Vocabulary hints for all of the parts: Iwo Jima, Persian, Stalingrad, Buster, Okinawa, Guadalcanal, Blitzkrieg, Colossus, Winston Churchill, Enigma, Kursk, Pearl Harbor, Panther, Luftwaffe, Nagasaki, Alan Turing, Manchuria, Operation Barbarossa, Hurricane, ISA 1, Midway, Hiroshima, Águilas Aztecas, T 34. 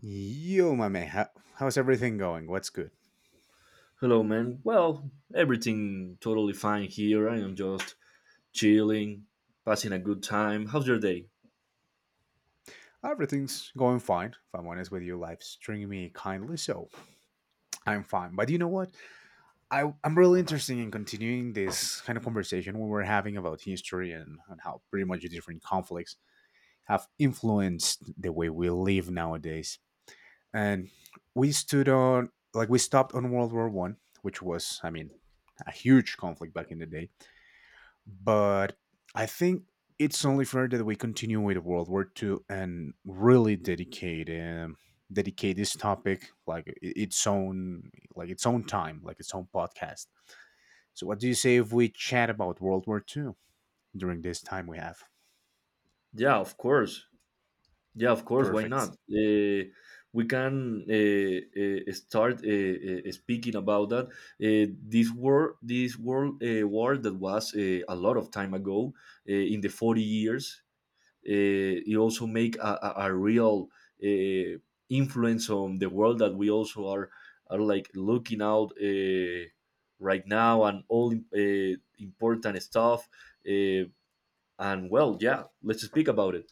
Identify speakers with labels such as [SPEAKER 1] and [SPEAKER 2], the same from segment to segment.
[SPEAKER 1] Yo, my man, how's everything going? What's good?
[SPEAKER 2] Hello, man. Well, everything totally fine here. I am just chilling, passing a good time. How's your day?
[SPEAKER 1] Everything's going fine. If I'm honest with you, life's treating me kindly, so I'm fine. But you know what? I'm really interested in continuing this kind of conversation we were having about history and how pretty much the different conflicts have influenced the way we live nowadays. And we stood on, we stopped on World War One, which was, I mean, a huge conflict back in the day. But I think it's only fair that we continue with World War Two and really dedicate this topic like its own, like its own time, like its own podcast. So what do you say if we chat about World War Two during this time we have?
[SPEAKER 2] Yeah, of course. Yeah, of course. Why
[SPEAKER 1] Perfect.
[SPEAKER 2] not? We can start speaking about that. This war, this world war that was a lot of time ago, in the forty years. You also make a real uh, influence on the world that we also are like looking out right now and all important stuff. Uh, and well, yeah, let's speak about it,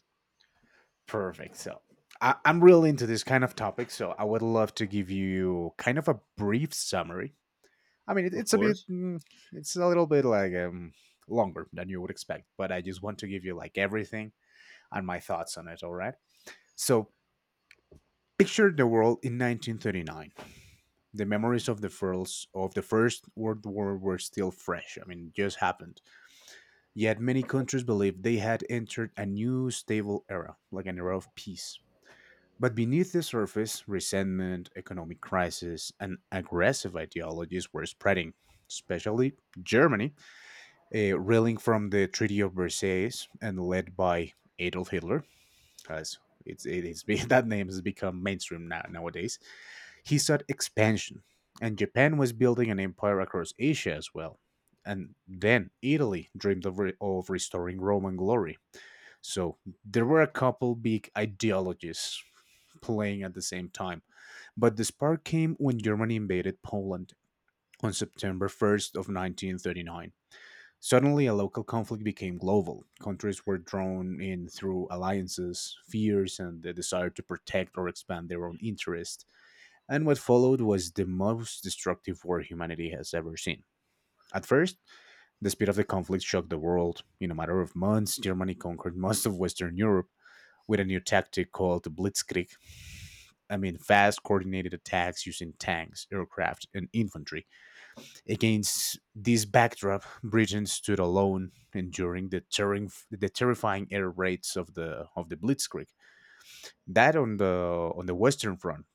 [SPEAKER 1] Perfect. So I'm really into this kind of topic, so I would love to give you kind of a brief summary. I mean,
[SPEAKER 2] of
[SPEAKER 1] it's a
[SPEAKER 2] course.
[SPEAKER 1] it's a little bit longer than you would expect, but I just want to give you like everything and my thoughts on it. All right. So picture the world in 1939. The memories of the First World War were still fresh. I mean, it just happened. Yet many countries believed they had entered a new stable era, like an era of peace. But beneath the surface, resentment, economic crisis, and aggressive ideologies were spreading, especially Germany, reeling from the Treaty of Versailles and led by Adolf Hitler. As it is, that name has become mainstream now, nowadays, he sought expansion, and Japan was building an empire across Asia as well. And then Italy dreamed of, restoring Roman glory. So there were a couple big ideologies playing at the same time. But the spark came when Germany invaded Poland on September 1st of 1939. Suddenly, a local conflict became global. Countries were drawn in through alliances, fears, and the desire to protect or expand their own interests. And what followed was the most destructive war humanity has ever seen. At first, the speed of the conflict shocked the world. In a matter of months, Germany conquered most of Western Europe with a new tactic called the Blitzkrieg. I mean, fast, coordinated attacks using tanks, aircraft, and infantry. Against this backdrop, Britain stood alone, enduring the terrifying air raids of the Blitzkrieg. That on the Western Front,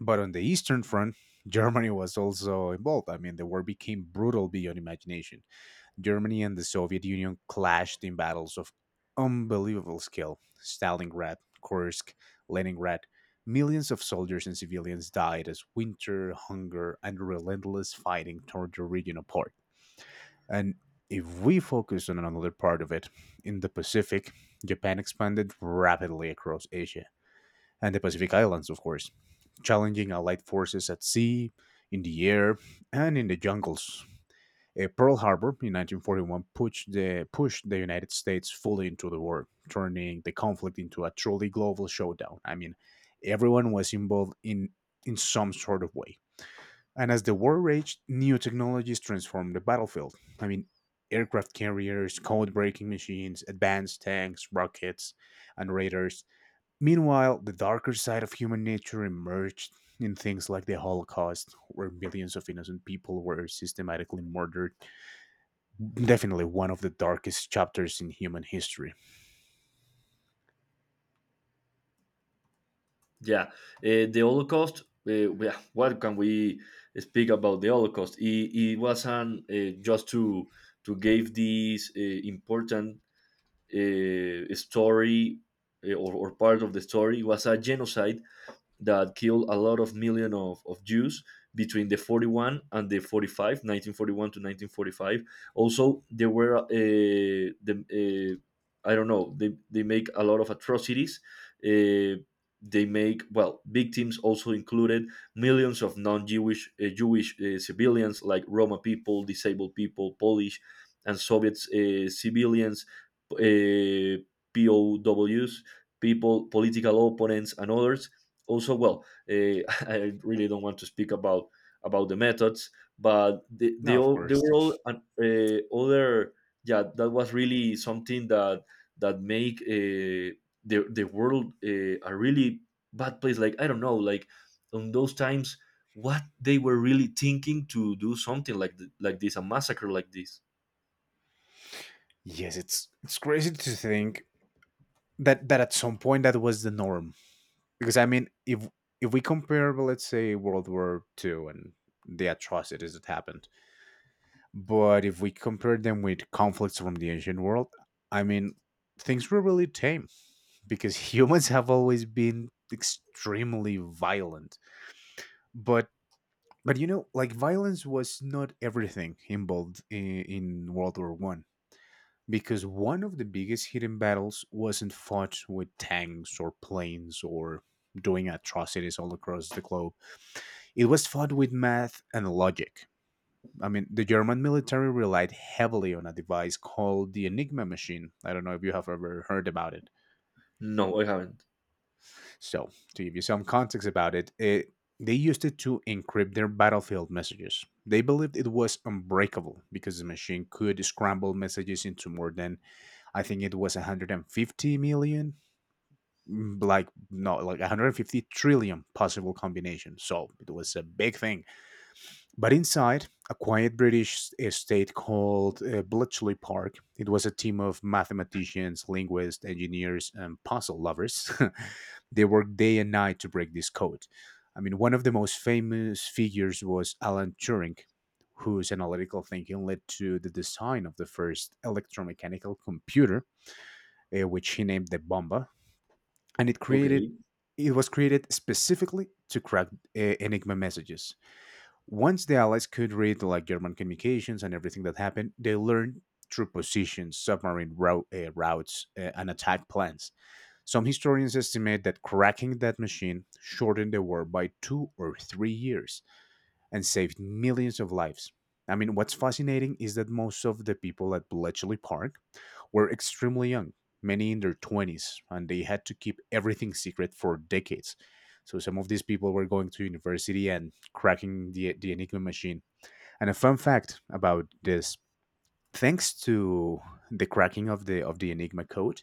[SPEAKER 1] but on the Eastern Front, Germany was also involved. I mean, the war became brutal beyond imagination. Germany and the Soviet Union clashed in battles of unbelievable skill. Stalingrad, Kursk, Leningrad. Millions of soldiers and civilians died as winter, hunger, and relentless fighting tore the region apart. And if we focus on another part of it, in the Pacific, Japan expanded rapidly across Asia and the Pacific Islands, of course, challenging Allied forces at sea, in the air, and in the jungles. Pearl Harbor in 1941 pushed the United States fully into the war, turning the conflict into a truly global showdown. I mean, everyone was involved in some sort of way. And as the war raged, new technologies transformed the battlefield. I mean, aircraft carriers, code breaking machines, advanced tanks, rockets, and radars. Meanwhile, the darker side of human nature emerged in things like the Holocaust, where millions of innocent people were systematically murdered. Definitely one of the darkest chapters in human history.
[SPEAKER 2] Yeah, the Holocaust. Yeah, what can we speak about the Holocaust? It was an just to give this important story or part of the story was a genocide that killed a lot of million of Jews between the 41 and the 45, 1941 to 1945. Also, there were the I don't know they make a lot of atrocities. Uh, they make, well, victims also included millions of non-Jewish Jewish civilians, like Roma people, disabled people, Polish and Soviet civilians, uh, POWs, people, political opponents, and others. Also, well, uh, I really don't want to speak about the methods, but they, they
[SPEAKER 1] No, of
[SPEAKER 2] all they
[SPEAKER 1] course.
[SPEAKER 2] were all other. Yeah, that was really something that make the world a really bad place. Like, I don't know, like on those times, what they were really thinking to do something like like this, a massacre like this.
[SPEAKER 1] Yes, it's crazy to think that at some point that was the norm. Because I mean, if we compare, well, let's say World War Two and the atrocities that happened, but if we compare them with conflicts from the ancient world, I mean, things were really tame because humans have always been extremely violent. But you know, like violence was not everything involved in World War One, because one of the biggest hidden battles wasn't fought with tanks or planes or doing atrocities all across the globe. It was fought with math and logic. I mean, the German military relied heavily on a device called the Enigma machine. I don't know if you have ever heard about it.
[SPEAKER 2] No, I haven't.
[SPEAKER 1] So, to give you some context about it, they used it to encrypt their battlefield messages. They believed it was unbreakable because the machine could scramble messages into more than, I think it was 150 million, mm, like, no, like 150 trillion possible combinations. So, it was a big thing. But inside a quiet British estate called Bletchley Park, it was a team of mathematicians, linguists, engineers, and puzzle lovers. They worked day and night to break this code. I mean, one of the most famous figures was Alan Turing, whose analytical thinking led to the design of the first electromechanical computer, which he named the Bomba, and
[SPEAKER 2] Okay.
[SPEAKER 1] it was created specifically to crack Enigma messages. Once the Allies could read like German communications and everything that happened, they learned true positions, routes, and attack plans. Some historians estimate that cracking that machine shortened the war by 2 or 3 years and saved millions of lives. I mean, what's fascinating is that most of the people at Bletchley Park were extremely young, many in their 20s, and they had to keep everything secret for decades. So some of these people were going to university and cracking the Enigma machine. And a fun fact about this: thanks to the cracking of the Enigma code,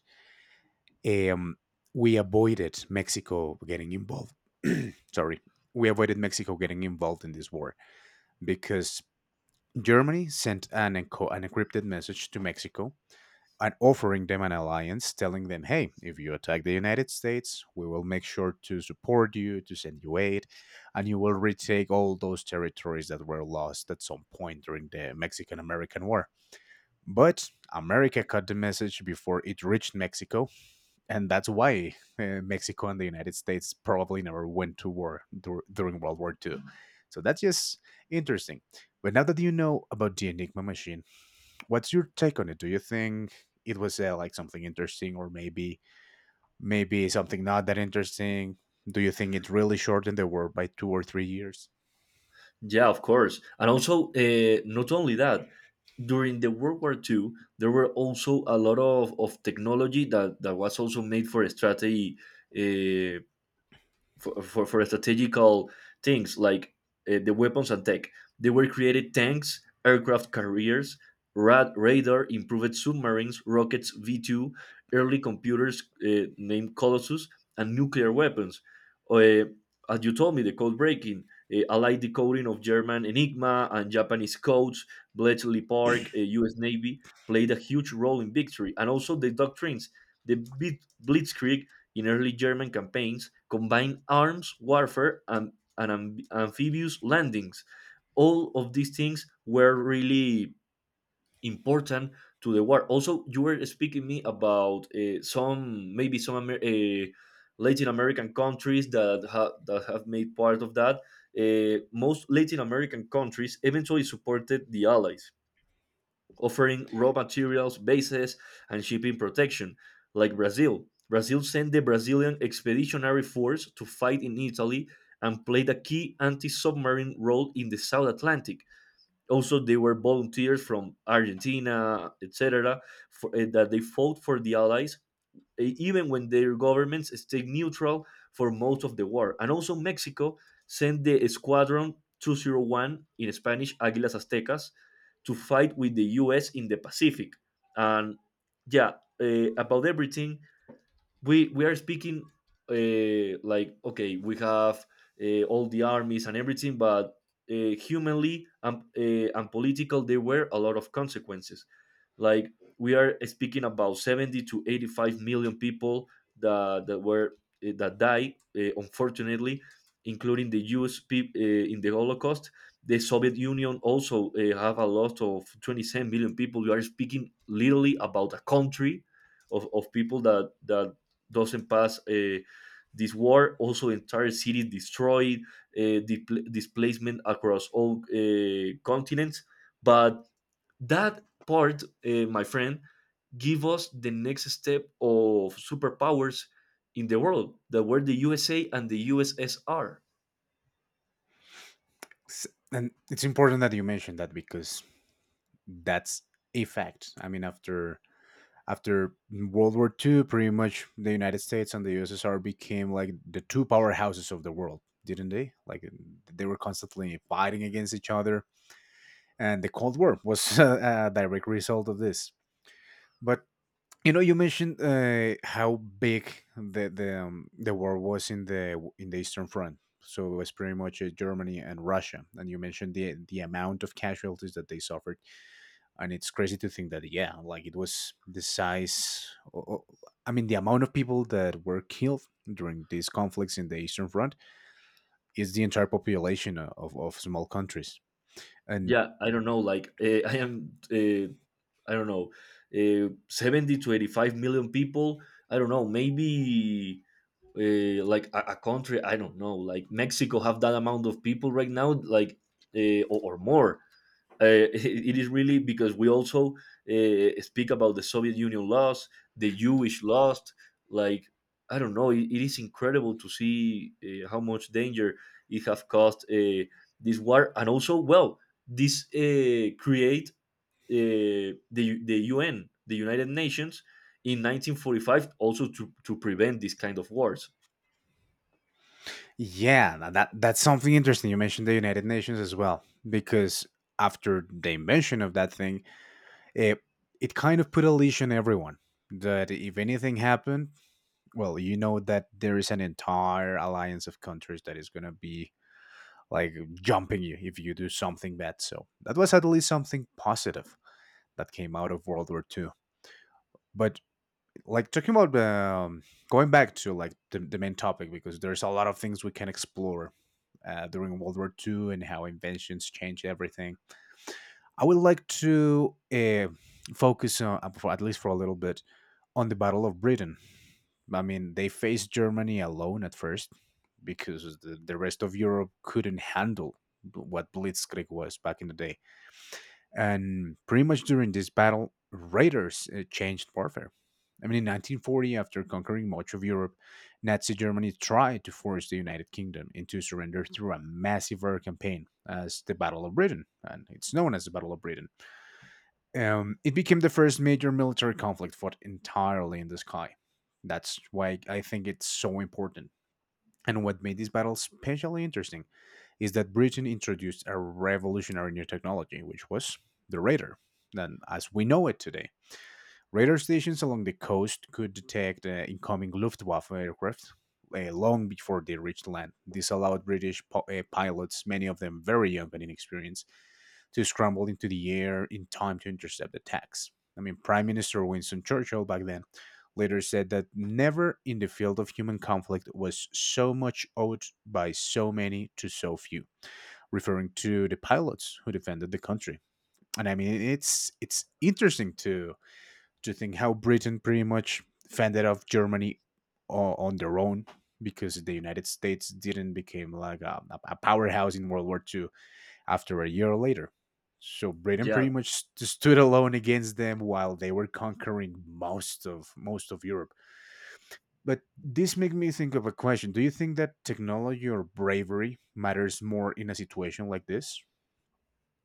[SPEAKER 1] um, we avoided Mexico getting involved. Sorry, we avoided Mexico getting involved in this war because Germany sent an encrypted message to Mexico and offering them an alliance, telling them, "Hey, if you attack the United States, we will make sure to support you, to send you aid, and you will retake all those territories that were lost at some point during the Mexican-American War." But America caught the message before it reached Mexico, and that's why Mexico and the United States probably never went to war during World War II. So that's just interesting. But now that you know about the Enigma machine, what's your take on it? Do you think it was like something interesting, or maybe something not that interesting? Do you think it really shortened the war by 2 or 3 years?
[SPEAKER 2] Yeah, of course. And also, not only that, during the World War II, there were also a lot of technology that was also made for strategy, uh, for for strategical things like the weapons and tech. They were created tanks, aircraft carriers, radar, improved submarines, rockets V-2, early computers named Colossus, and nuclear weapons. Uh, as you told me, the code breaking, allied decoding of German Enigma and Japanese codes, Bletchley Park, U.S. Navy played a huge role in victory, and also the doctrines. The Blitzkrieg in early German campaigns, combined arms warfare, and amphibious landings. All of these things were really important to the war. Also, you were speaking me about some, maybe some Latin American countries that that have made part of that. Most Latin American countries eventually supported the Allies, offering raw materials, bases, and shipping protection, like Brazil. Brazil sent the Brazilian Expeditionary Force to fight in Italy and played a key anti submarine role in the South Atlantic. Also, there were volunteers from Argentina, etc., that they fought for the Allies, even when their governments stayed neutral for most of the war. And also, Mexico sent the Squadron 201, in Spanish, Águilas Aztecas, to fight with the US in the Pacific. And yeah, about everything, we are speaking, like, okay, we have all the armies and everything, but humanly and political, there were a lot of consequences. Like, we are speaking about 70 to 85 million people that were that died, unfortunately, including the US people in the Holocaust. The Soviet Union also have a lot of 27 million people. You are speaking literally about a country of people that doesn't pass this war. Also, entire cities destroyed, displacement across all continents. But that part, my friend, give us the next step of superpowers in the world that were the USA and the USSR.
[SPEAKER 1] S- And it's important that you mentioned that because that's a fact. I mean, after World War Two, pretty much the United States and the USSR became like the two powerhouses of the world, didn't they? Like they were constantly fighting against each other, and the Cold War was a direct result of this. But you know, you mentioned how big the war was in the Eastern Front. So it was pretty much Germany and Russia, and you mentioned the amount of casualties that they suffered, and it's crazy to think that, yeah, like it was the size I mean, the amount of people that were killed during these conflicts in the Eastern Front is the entire population of small countries. And
[SPEAKER 2] Yeah, I don't know. Like I am, I don't know, 70 to 85 million people. I don't know. Maybe like a country, I don't know, like Mexico have that amount of people right now, like or more it is really, because we also speak about the Soviet Union lost, the Jewish lost, like I don't know, it is incredible to see how much danger it have caused this war. And also, well, this create the United Nations in 1945, also to prevent this kind of wars.
[SPEAKER 1] yeah, that that's something interesting. You mentioned the United Nations as well, because after the invention of that thing, it, it kind of put a leash on everyone, that if anything happened, well, you know that there is an entire alliance of countries that is going to be like jumping you if you do something bad. So that was at least something positive that came out of World War II. But like talking about, going back to like the main topic, because there's a lot of things we can explore during World War II and how inventions changed everything. I would like to focus on, for, at least for a little bit, on the Battle of Britain. I mean, they faced Germany alone at first because the rest of Europe couldn't handle what Blitzkrieg was back in the day. And pretty much during this battle, raiders changed warfare. I mean, in 1940, after conquering much of Europe, Nazi Germany tried to force the United Kingdom into surrender through a massive air campaign as the Battle of Britain, and it's known as the Battle of Britain. It became the first major military conflict fought entirely in the sky. That's why I think it's so important. And what made this battle especially interesting is that Britain introduced a revolutionary new technology, which was the radar, then as we know it today. Radar stations along the coast could detect incoming Luftwaffe aircraft long before they reached land. This allowed British pilots, many of them very young and inexperienced, to scramble into the air in time to intercept attacks. I mean, Prime Minister Winston Churchill back then later said that never in the field of human conflict was so much owed by so many to so few, referring to the pilots who defended the country. And I mean, it's interesting to think how Britain pretty much fended off Germany on their own because the United States didn't become like a powerhouse in World War II after a year later. So Britain
[SPEAKER 2] Yeah,
[SPEAKER 1] pretty much stood alone against them while they were conquering most of Europe. But this made me think of a question. Do you think that technology or bravery matters more in a situation like this?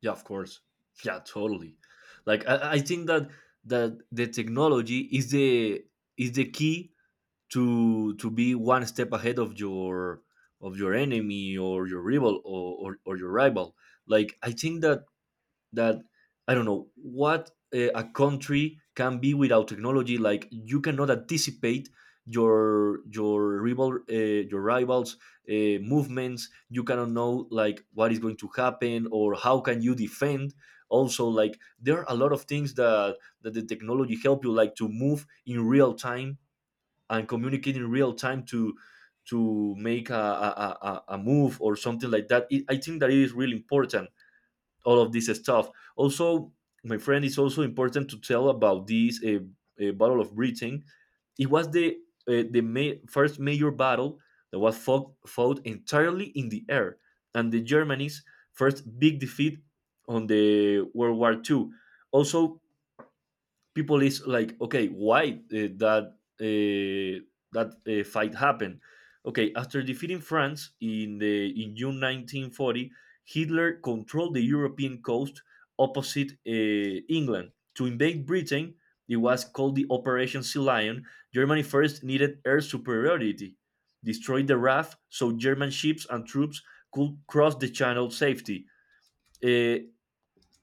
[SPEAKER 2] yeah, of course. Yeah, totally. Like, I think that the technology is the key to be one step ahead of your enemy or your rival, or your rival. Like, I think that I don't know what a country can be without technology. Like, you cannot anticipate your rival, your rivals movements. You cannot know, like, what is going to happen or how can you defend. Also, like, there are a lot of things that the technology help you, like to move in real time and communicate in real time to make a move or something like that. It, I think that it is really important all of this stuff. Also, my friend, it's also important to tell about this Battle of Britain. It was the first major battle that was fought entirely in the air, and the Germany's first big defeat on the World War II. Also, people is like, okay, why that fight happened? Okay, after defeating France in the in June 1940, Hitler controlled the European coast opposite England to invade Britain. It was called the Operation Sea Lion. Germany first needed air superiority, destroy the RAF so German ships and troops could cross the channel safely. Uh,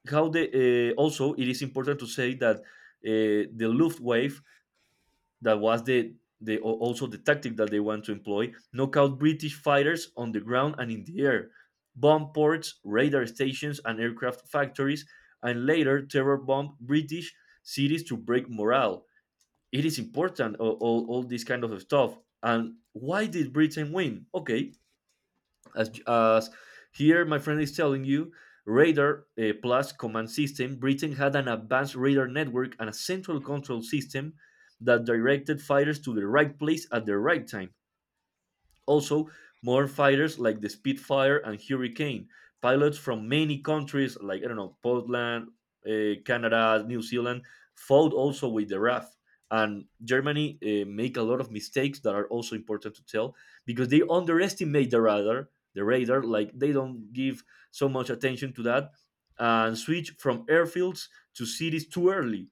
[SPEAKER 2] how the also, it is important to say that the Luftwaffe, that was the also the tactic that they want to employ, knock out British fighters on the ground and in the air, bomb ports, radar stations, and aircraft factories, and later terror bomb British cities to break morale. It is important all this kind of stuff. And why did Britain win? Okay, as here my friend is telling you, radar plus command system, Britain had an advanced radar network and a central control system that directed fighters to the right place at the right time. Also, more fighters, like the Spitfire and Hurricane, pilots from many countries, like, I don't know, Portland, Canada, New Zealand, fought also with the RAF. And Germany make a lot of mistakes that are also important to tell, because they underestimate the radar, like they don't give so much attention to that, and switch from airfields to cities too early,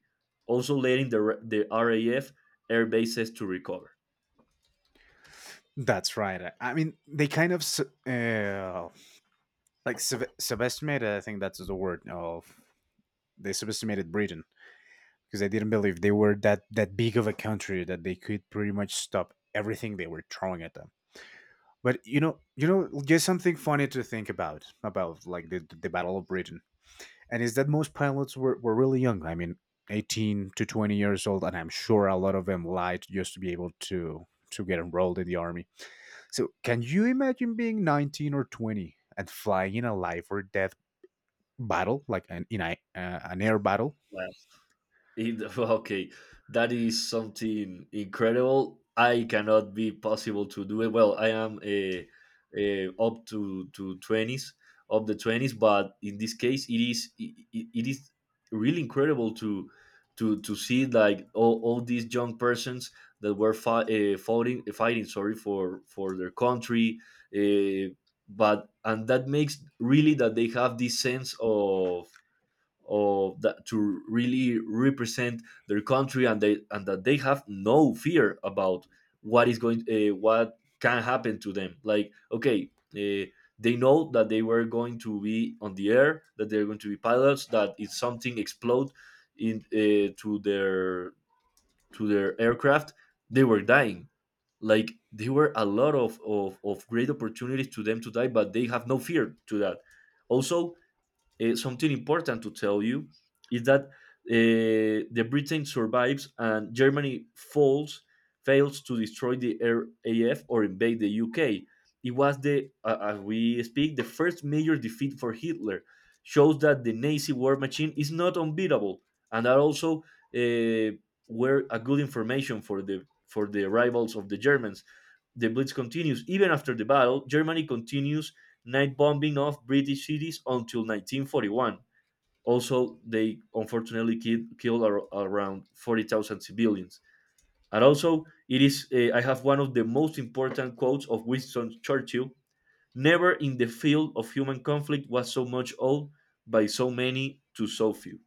[SPEAKER 2] also letting the RAF air bases to recover.
[SPEAKER 1] That's right. I mean, they kind of uh, like subestimated. I think that's the word of they subestimated Britain because they didn't believe they were that big of a country that they could pretty much stop everything they were throwing at them. But just something funny to think about like the Battle of Britain, and is that most pilots were really young. I mean, 18 to 20 years old, and I'm sure a lot of them lied just to be able to get enrolled in the army. So, can you imagine being 19 or 20 and flying in a life or death battle, like an air battle?
[SPEAKER 2] Well, in okay, that is something incredible. I cannot be possible to do it. Well, I am a up to twenties, up the 20s, but in this case, it is really incredible to see, like, all these young persons that were fighting sorry for their country, uh, but, and that makes really that they have this sense of that, to really represent their country, and they, and that they have no fear about what is going, what can happen to them. Like, okay, they know that they were going to be on the air, that they're going to be pilots, that if something explode in, to their aircraft, they were dying. Like, there were a lot of great opportunities to them to die, but they have no fear to that. Also, something important to tell you is that the Britain survives and Germany falls, fails to destroy the RAF or invade the UK. It was the, as we speak, the first major defeat for Hitler. Shows that the Nazi war machine is not unbeatable, and that also uh, were a good information for the rivals of the Germans. The blitz continues. Even after the battle, Germany continues night bombing of British cities until 1941. Also, they unfortunately killed around 40,000 civilians. And also, it is I have one of the most important quotes of Winston Churchill: "Never in the field of human conflict was so much owed by so many to so few."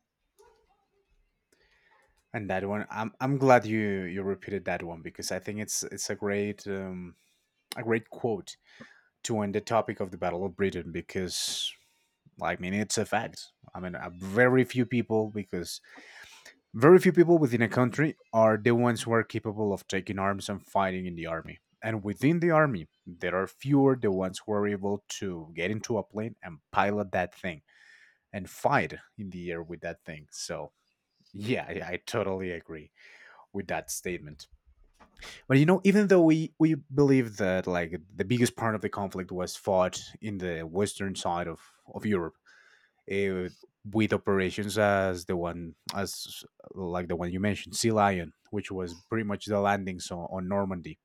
[SPEAKER 1] And that one, I'm glad you repeated that one because I think it's a great quote to end the topic of the Battle of Britain because, I mean, it's a fact. I mean, very few people, because very few people within a country are the ones who are capable of taking arms and fighting in the army. And within the army, there are fewer the ones who are able to get into a plane and pilot that thing and fight in the air with that thing. So, yeah, I totally agree with that statement. But you know, even though we believe that like the biggest part of the conflict was fought in the western side of Europe. eh, with operations as the one as like the one you mentioned Sea Lion, which was pretty much the landings on Normandy,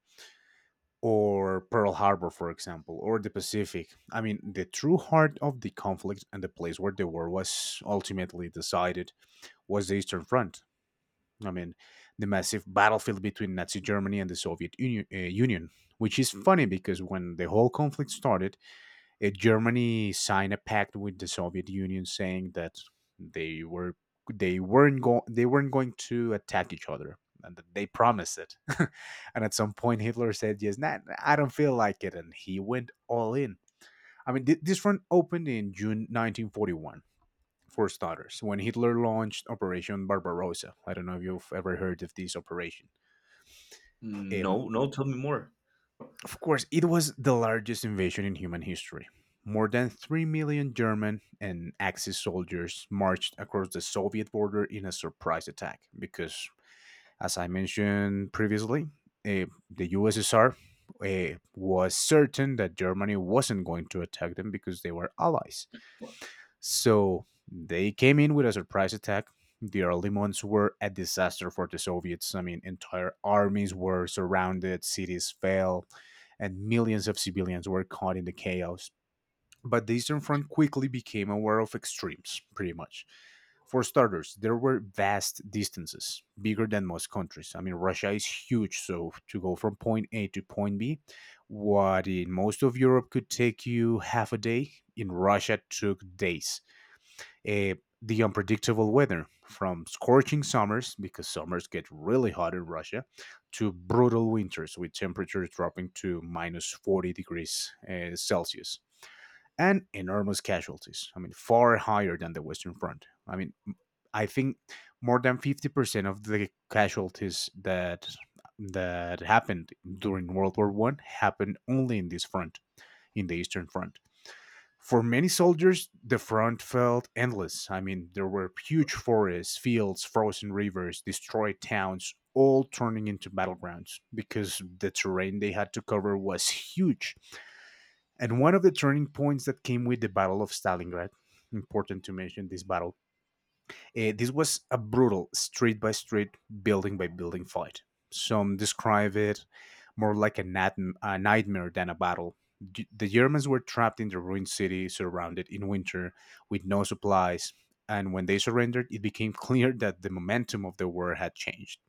[SPEAKER 1] or Pearl Harbor, for example, or the Pacific. I mean, the true heart of the conflict and the place where the war was ultimately decided was the Eastern Front. I mean, the massive battlefield between Nazi Germany and the Soviet Union, which is funny because when the whole conflict started, Germany signed a pact with the Soviet Union saying that they were they weren't going to attack each other and that they promised it. And at some point Hitler said, "Yes, nah, nah, I don't feel like it," and he went all in. I mean, this front opened in June 1941 for starters, when Hitler launched Operation Barbarossa. I don't know if you've ever heard of this operation.
[SPEAKER 2] Mm,
[SPEAKER 1] Um,
[SPEAKER 2] no, no, tell me more.
[SPEAKER 1] of course, it was the largest invasion in human history. More than 3 million German and Axis soldiers marched across the Soviet border in a surprise attack because, as I mentioned previously, the USSR was certain that Germany wasn't going to attack them because they were allies. So they came in with a surprise attack. The early months were a disaster for the Soviets. I mean, entire armies were surrounded, cities fell, and millions of civilians were caught in the chaos. But the Eastern Front quickly became aware of extremes, pretty much. For starters, there were vast distances, bigger than most countries. I mean, Russia is huge, so to go from point A to point B, what in most of Europe could take you half a day, in Russia took days. uh, the unpredictable weather from scorching summers, because summers get really hot in Russia, to brutal winters with temperatures dropping to minus 40 degrees Celsius, and enormous casualties. I mean, far higher than the Western Front. I mean, I think more than 50% of the casualties that happened during World War 1 happened only in this front, in the Eastern Front. For many soldiers, the front felt endless. I mean, there were huge forests, fields, frozen rivers, destroyed towns, all turning into battlegrounds because the terrain they had to cover was huge. And one of the turning points that came with the Battle of Stalingrad, important to mention this battle, this was a brutal street by street, building by building fight. Some describe it more like a nightmare than a battle. The Germans were trapped in the ruined city, surrounded in winter, with no supplies, and when they surrendered, it became clear that the momentum of the war had changed.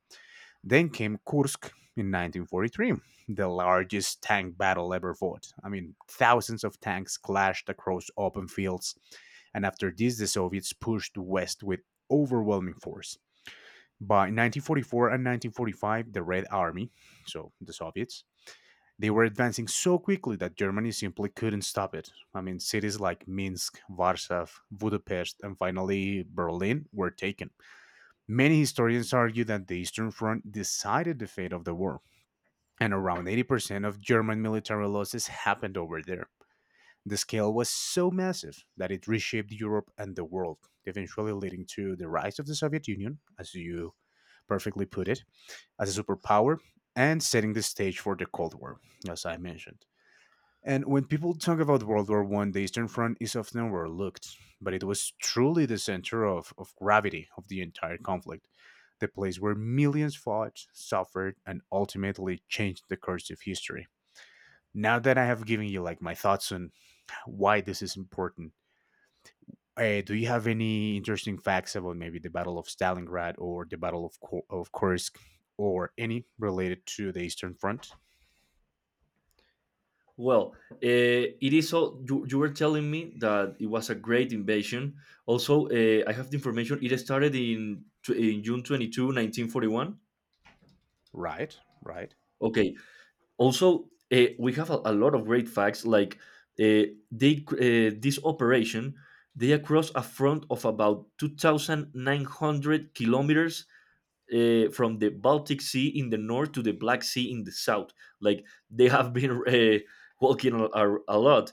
[SPEAKER 1] Then came Kursk in 1943, the largest tank battle ever fought. I mean, thousands of tanks clashed across open fields, and after this, the Soviets pushed west with overwhelming force. By 1944 and 1945, the Red Army, so the Soviets, they were advancing so quickly that Germany simply couldn't stop it. I mean, cities like Minsk, Warsaw, Budapest, and finally Berlin were taken. Many historians argue that the Eastern Front decided the fate of the war, and around 80% of German military losses happened over there. The scale was so massive that it reshaped Europe and the world, eventually leading to the rise of the Soviet Union, as you perfectly put it, as a superpower, and setting the stage for the Cold War, as I mentioned. And when people talk about World War One, the Eastern Front is often overlooked, but it was truly the center of gravity of the entire conflict, the place where millions fought, suffered, and ultimately changed the course of history. Now that I have given you like my thoughts on why this is important, do you have any interesting facts about maybe the Battle of Stalingrad or the Battle of of Kursk, or any related to the Eastern Front?
[SPEAKER 2] Well, it is all you, you were telling me that it was a great invasion. Also, I have the information. It started in, June 22, 1941.
[SPEAKER 1] Right, right.
[SPEAKER 2] Okay. Also, we have a lot of great facts. Like, this operation, they across a front of about 2,900 kilometers from the Baltic Sea in the north to the Black Sea in the south. Like they have been walking a lot,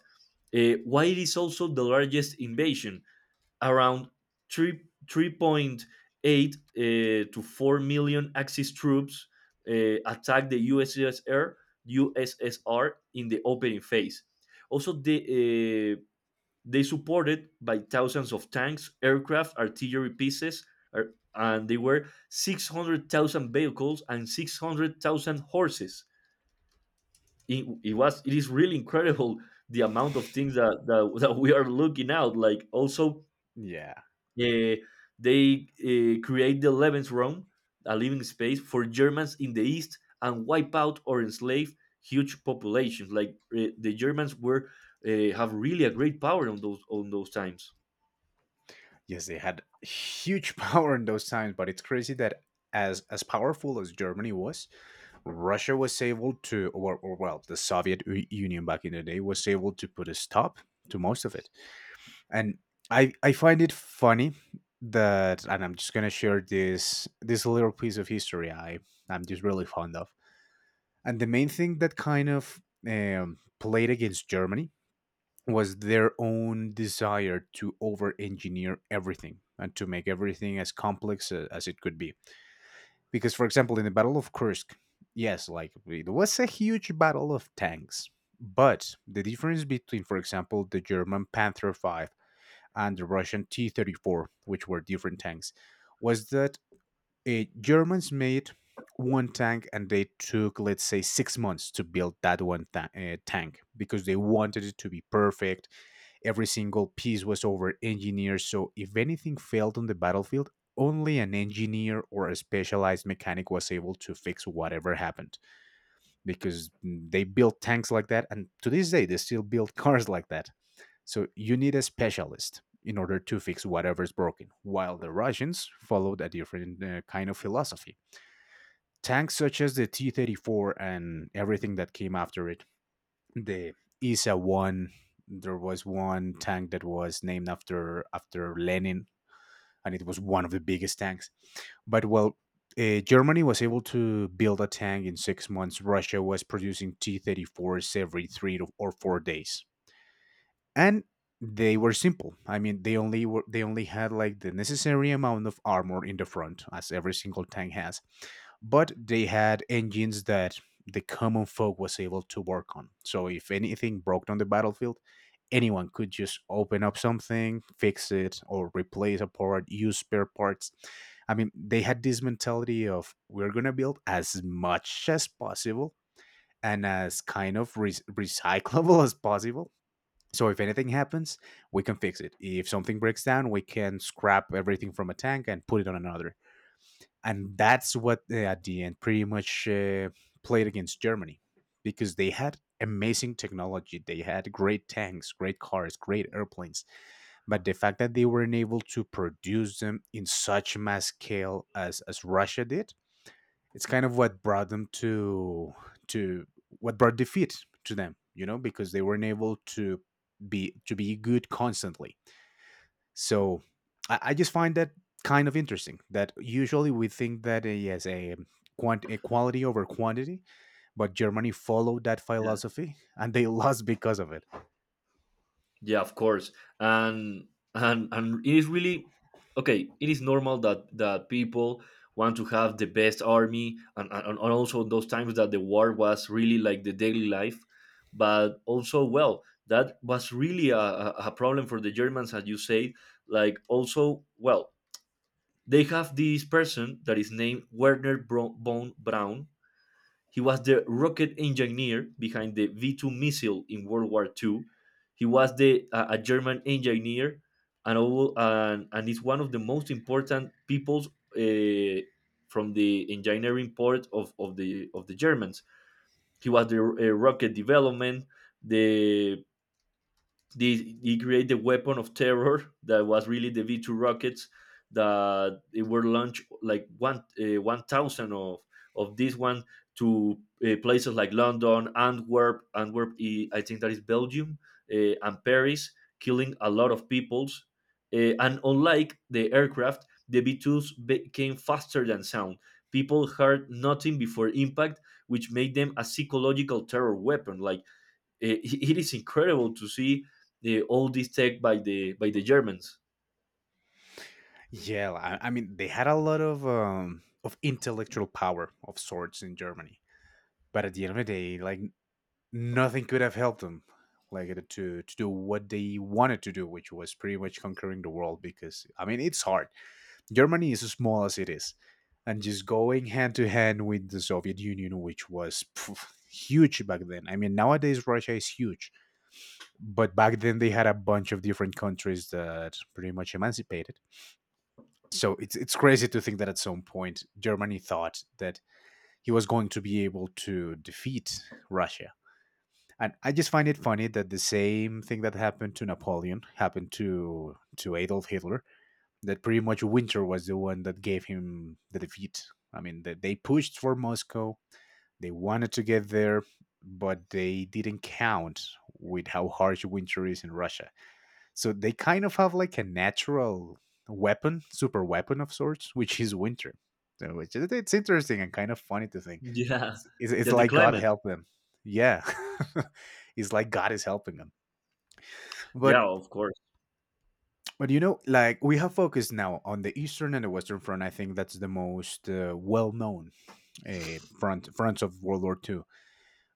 [SPEAKER 2] while it is also the largest invasion, around 3, 3.8 uh, to 4 million Axis troops attacked the USSR in the opening phase. Also, uh, they supported by thousands of tanks, aircraft, artillery pieces, er, and they were 600,000 vehicles and 600,000 horses. It is really incredible the amount of things that we are looking out. Like also,
[SPEAKER 1] Yeah.
[SPEAKER 2] uh, they create the 11th realm, a living space for Germans in the east, and wipe out or enslave huge populations. Like the Germans were, have really a great power on those times.
[SPEAKER 1] Yes, they had huge power in those times, but it's crazy that as powerful as Germany was, Russia was able to, or well, the Soviet Union back in the day was able to put a stop to most of it. And I find it funny that. And I'm just gonna share this little piece of history I'm just really fond of. And the main thing that kind of played against Germany was their own desire to over engineer everything and to make everything as complex as it could be, because for example in the Battle of Kursk, yes, like it was a huge battle of tanks, but the difference between, for example, the German Panther 5 and the Russian T 34, which were different tanks, was that Germans made one tank and they took, let's say, 6 months to build that tank because they wanted it to be perfect. Every single piece was over engineered. So if anything failed on the battlefield, only an engineer or a specialized mechanic was able to fix whatever happened, because they built tanks like that, and to this day they still build cars like that. So you need a specialist in order to fix whatever's broken, while the Russians followed a different kind of philosophy. Tanks such as the T 34 and everything that came after it, the ISA 1, there was one tank that was named after Lenin, and it was one of the biggest tanks. But well, Germany was able to build a tank in 6 months. Russia was producing T 34s every three to, or 4 days. And they were simple. I mean, they only had like the necessary amount of armor in the front as every single tank has, but they had engines that the common folk was able to work on. So if anything broke on the battlefield, anyone could just open up something, fix it, or replace a part, use spare parts. I mean, they had this mentality of we're going to build as much as possible and as kind of recyclable as possible, so if anything happens, we can fix it. If something breaks down, we can scrap everything from a tank and put it on another. And that's what at the end pretty much played against Germany, because they had amazing technology. They had great tanks, great cars, great airplanes. But the fact that they weren't able to produce them in such mass scale as Russia did, it's kind of what brought them to what brought defeat to them, you know, because they weren't able to be good constantly. So I just find that kind of interesting that usually we think that yes, a quant a quality over quantity, but Germany followed that philosophy and they lost because of it.
[SPEAKER 2] Yeah, of course. And and it is really, okay, it is normal that people want to have the best army, and also those times that the war was really like the daily life. But also, well, that was really a problem for the Germans, as you say. Like also, well, they have this person that is named Werner Bone Brown. He was the rocket engineer behind the V 2 missile in World War II. He was the, a German engineer, and, and is one of the most important peoples, uh, from the engineering part of the Germans. He was the, rocket development, the they created the weapon of terror that was really the V2 rockets, that they were launched like one, 1,000 of this one to, places like London, Antwerp, I think that is Belgium, and Paris, killing a lot of peoples. And unlike the aircraft, the V2s became faster than sound. People heard nothing before impact, which made them a psychological terror weapon. Like it, it is incredible to see all this tech by the Germans.
[SPEAKER 1] Yeah, I mean they had a lot of intellectual power of sorts in Germany. But at the end of the day, like nothing could have helped them, like to do what they wanted to do, which was pretty much conquering the world. Because I mean, it's hard. Germany is as small as it is, and just going hand to hand with the Soviet Union, which was pff, huge back then. I mean, nowadays Russia is huge, but back then they had a bunch of different countries that pretty much emancipated. So it's crazy to think that at some point Germany thought that he was going to be able to defeat Russia. And I just find it funny that the same thing that happened to Napoleon happened to Adolf Hitler. That pretty much winter was the one that gave him the defeat. I mean, that they pushed for Moscow. They wanted to get there, but they didn't count with how harsh winter is in Russia. So they kind of have like a natural weapon, super weapon of sorts, which is winter. So which is, it's interesting and kind of funny to think.
[SPEAKER 2] Yeah,
[SPEAKER 1] It's, it's,
[SPEAKER 2] yeah,
[SPEAKER 1] it's
[SPEAKER 2] the
[SPEAKER 1] like God
[SPEAKER 2] climate.
[SPEAKER 1] helped them. Yeah, it's like God is helping them.
[SPEAKER 2] Yeah,
[SPEAKER 1] But
[SPEAKER 2] of course.
[SPEAKER 1] you know, like we have focused now on the eastern and the western front. I think that's the most well known fronts of World War II.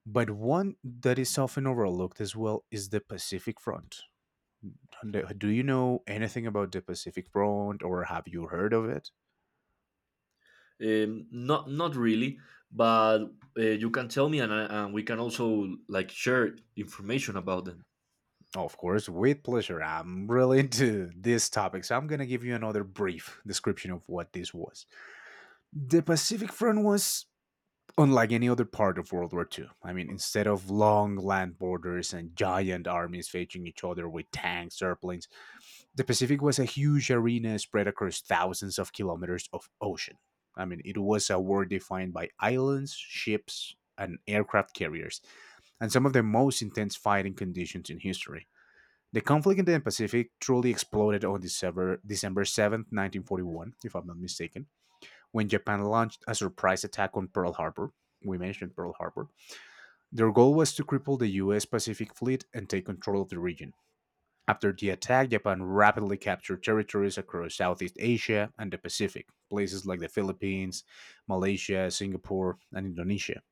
[SPEAKER 1] But one that is often overlooked as well is the Pacific Front. And, do you know anything about the Pacific Front or have you heard of it?
[SPEAKER 2] Not really, but you can tell me, and we can also like share information about them.
[SPEAKER 1] Oh, of course, with pleasure. I'm really into this topic, so I'm going to give you another brief description of what this was. The Pacific Front was unlike any other part of World War Two. I mean, instead of long land borders and giant armies facing each other with tanks, airplanes, the Pacific was a huge arena spread across thousands of kilometers of ocean. I mean, it was a war defined by islands, ships, and aircraft carriers, and some of the most intense fighting conditions in history. The conflict in the Pacific truly exploded on December 7th, 1941, if I'm not mistaken, when Japan launched a surprise attack on Pearl Harbor. We mentioned Pearl Harbor. Their goal was to cripple the US Pacific Fleet and take control of the region. After the attack, Japan rapidly captured territories across Southeast Asia and the Pacific, places like the Philippines, Malaysia, Singapore, and Indonesia.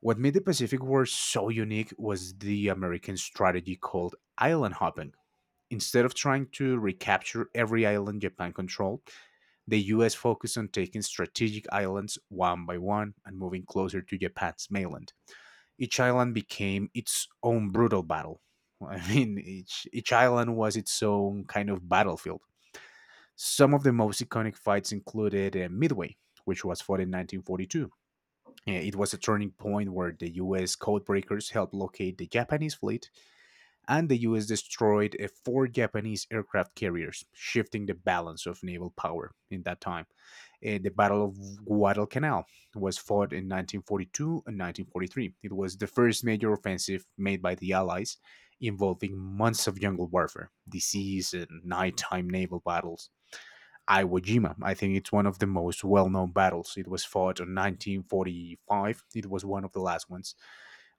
[SPEAKER 1] What made the Pacific War so unique was the American strategy called island hopping. Instead of trying to recapture every island Japan controlled, the US focused on taking strategic islands one by one and moving closer to Japan's mainland. Each island became its own brutal battle. I mean, each island was its own kind of battlefield. Some of the most iconic fights included Midway, which was fought in 1942. It was a turning point where the US codebreakers helped locate the Japanese fleet and the US destroyed four Japanese aircraft carriers, shifting the balance of naval power in that time. The Battle of Guadalcanal was fought in 1942 and 1943. It was the first major offensive made by the Allies, involving months of jungle warfare, disease, and nighttime naval battles. Iwo Jima. I think it's one of the most well known battles. It was fought in 1945. It was one of the last ones,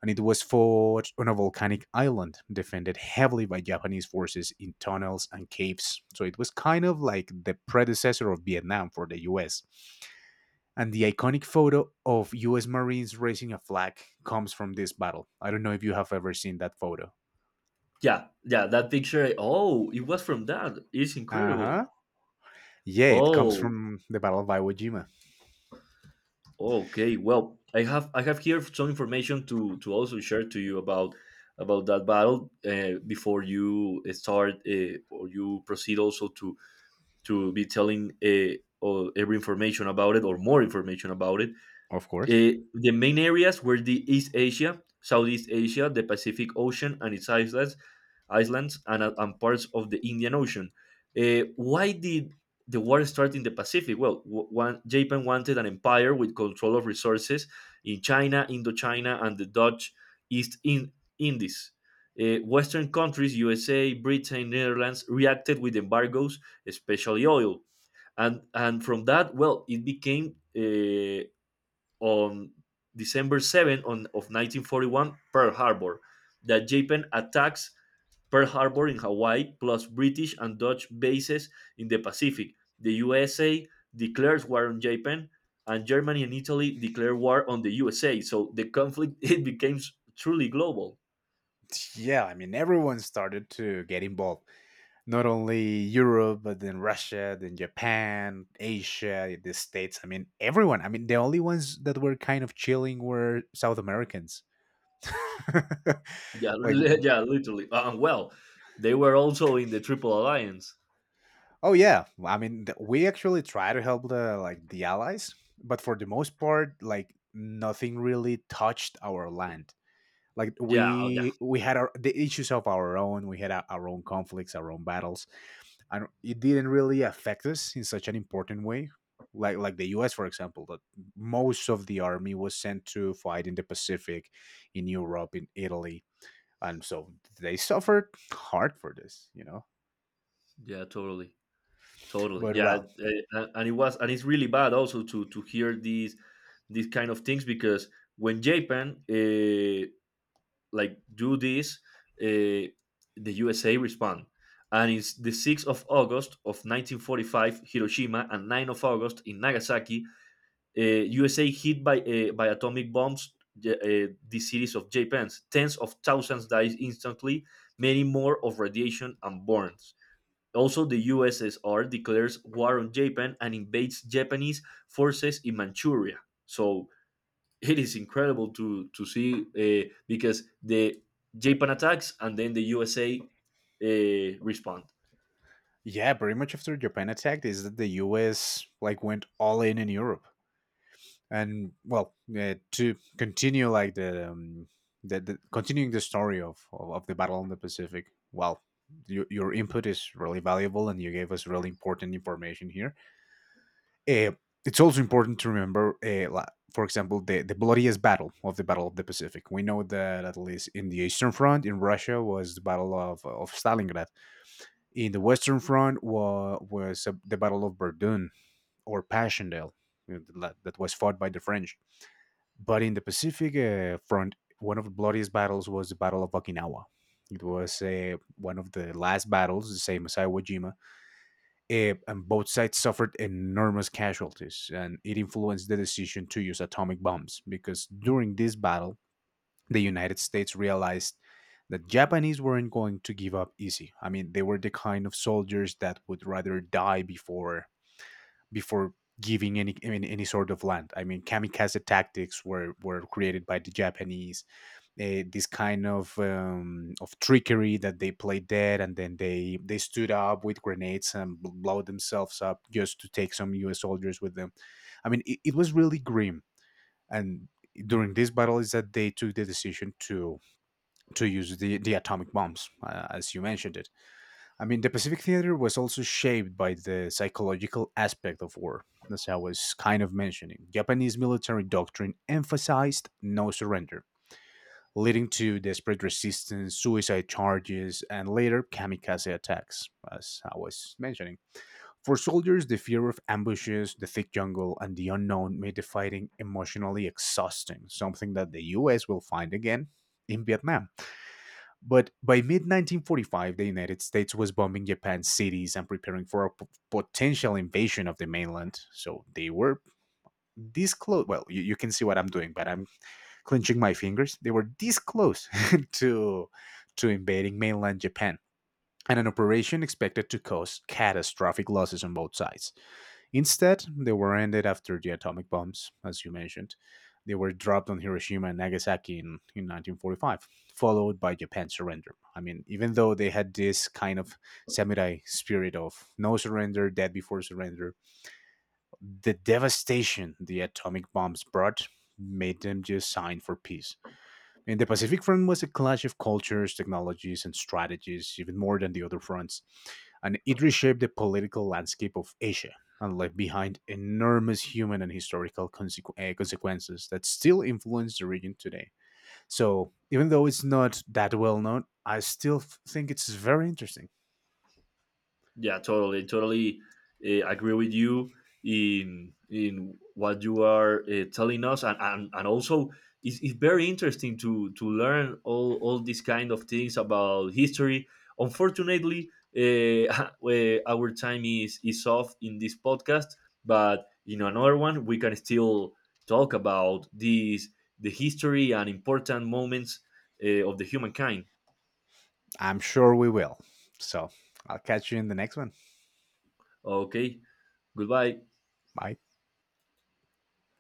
[SPEAKER 1] and it was fought on a volcanic island defended heavily by Japanese forces in tunnels and caves. So it was kind of like the predecessor of Vietnam for the US. And the iconic photo of US Marines raising a flag comes from this battle. I don't know if you have ever seen that photo.
[SPEAKER 2] Yeah, yeah, that picture. Oh, it was from that. It's
[SPEAKER 1] Uh
[SPEAKER 2] incredible.
[SPEAKER 1] huh. Yeah, it comes
[SPEAKER 2] Oh,
[SPEAKER 1] from the Battle of Iwo Jima,
[SPEAKER 2] okay, well, I have here some information to also share to you about that battle, before you start, or you proceed also to be telling, or every information about it, or more information about it.
[SPEAKER 1] of course.
[SPEAKER 2] The main areas were the East Asia, Southeast Asia, the Pacific Ocean and its islands, and parts of the Indian Ocean. Why did the war start in the Pacific? Well, one, Japan wanted an empire with control of resources in China, Indochina, and the Dutch East Indies. Western countries, USA, Britain, Netherlands, reacted with embargoes, especially oil, and from that, well, it became, on December 7 of 1941, Pearl Harbor, that Japan attacks Pearl Harbor in Hawaii, plus British and Dutch bases in the Pacific. The USA declares war on Japan, and Germany and Italy declare war on the USA. So the conflict it became truly global.
[SPEAKER 1] Yeah, I mean, everyone started to get involved. Not only Europe, but then Russia, then Japan, Asia, the States. I mean, everyone. I mean, the only ones that were kind of chilling were South Americans.
[SPEAKER 2] Yeah,
[SPEAKER 1] Like,
[SPEAKER 2] yeah, literally. Well, they were also in the Triple Alliance.
[SPEAKER 1] oh yeah. I mean, we actually try to help the like the allies, but for the most part, like nothing really touched our land. Like
[SPEAKER 2] Yeah, oh yeah,
[SPEAKER 1] we had our the issues of our own. We had our own conflicts, our own battles. I don't, it didn't really affect us in such an important way. Like the U.S. for example, that most of the army was sent to fight in the Pacific, in Europe, in Italy, and so they suffered hard for this, you know.
[SPEAKER 2] yeah, totally. Totally,
[SPEAKER 1] But
[SPEAKER 2] yeah,
[SPEAKER 1] well,
[SPEAKER 2] uh, and it's really bad also to hear these kind of things, because when Japan, like, do this, uh, the USA respond, and it's the 6th of August of 1945, Hiroshima, and 9th of August in Nagasaki, USA hit by atomic bombs, the cities of Japan. Tens of thousands died instantly, many more of radiation and burns. Also, the USSR declares war on Japan and invades Japanese forces in Manchuria. So it is incredible to see, because the Japan attacks and then the USA respond.
[SPEAKER 1] yeah, pretty much after Japan attacked, is that the U.S. like went all in Europe. And well, to continue like the continuing the story of of the battle in the Pacific, well, your input is really valuable and you gave us really important information here. uh, it's also important to remember, for example, the bloodiest battle of the Pacific, we know that at least in the eastern front in Russia was the battle of Stalingrad, in the western front was the battle of Verdun or Passchendaele, you know, that was fought by the French. But in the Pacific front, one of the bloodiest battles was the Battle of Okinawa. It was one of the last battles, the same as Iwo Jima, and both sides suffered enormous casualties, and it influenced the decision to use atomic bombs because during this battle, the United States realized that Japanese weren't going to give up easy. I mean, they were the kind of soldiers that would rather die before before giving any sort of land. I mean, kamikaze tactics were created by the Japanese. This kind of trickery that they played dead, and then they stood up with grenades and blow themselves up just to take some U.S. soldiers with them. I mean, it was really grim. And during this battle, is that they took the decision to use the atomic bombs, as you mentioned it. I mean, the Pacific Theater was also shaped by the psychological aspect of war, as I was kind of mentioning. Japanese military doctrine emphasized no surrender, leading to desperate resistance, suicide charges, and later kamikaze attacks, as I was mentioning. For soldiers, the fear of ambushes, the thick jungle, and the unknown made the fighting emotionally exhausting, something that the US will find again in Vietnam. But by mid 1945, the United States was bombing Japan's cities and preparing for a potential invasion of the mainland. So they were this close. Well, you can see what I'm doing, but I'm clenching my fingers. They were this close to invading mainland Japan, and an operation expected to cause catastrophic losses on both sides. Instead, they were ended after the atomic bombs, as you mentioned. They were dropped on Hiroshima and Nagasaki in 1945, followed by Japan's surrender. I mean, even though they had this kind of samurai spirit of no surrender, dead before surrender, the devastation the atomic bombs brought made them just sign for peace. And the Pacific Front was a clash of cultures, technologies, and strategies, even more than the other fronts. And it reshaped the political landscape of Asia and left behind enormous human and historical consequences that still influence the region today. So, even though it's not that well known, I still think it's very interesting.
[SPEAKER 2] Yeah, totally, totally, agree with you in what you are, telling us, and also it's very interesting to learn all these kind of things about history. Unfortunately, where our time is off in this podcast, but in another one we can still talk about the history and important moments, of the humankind.
[SPEAKER 1] I'm sure we will. So, I'll catch you in the next one.
[SPEAKER 2] Okay, goodbye.
[SPEAKER 1] Bye.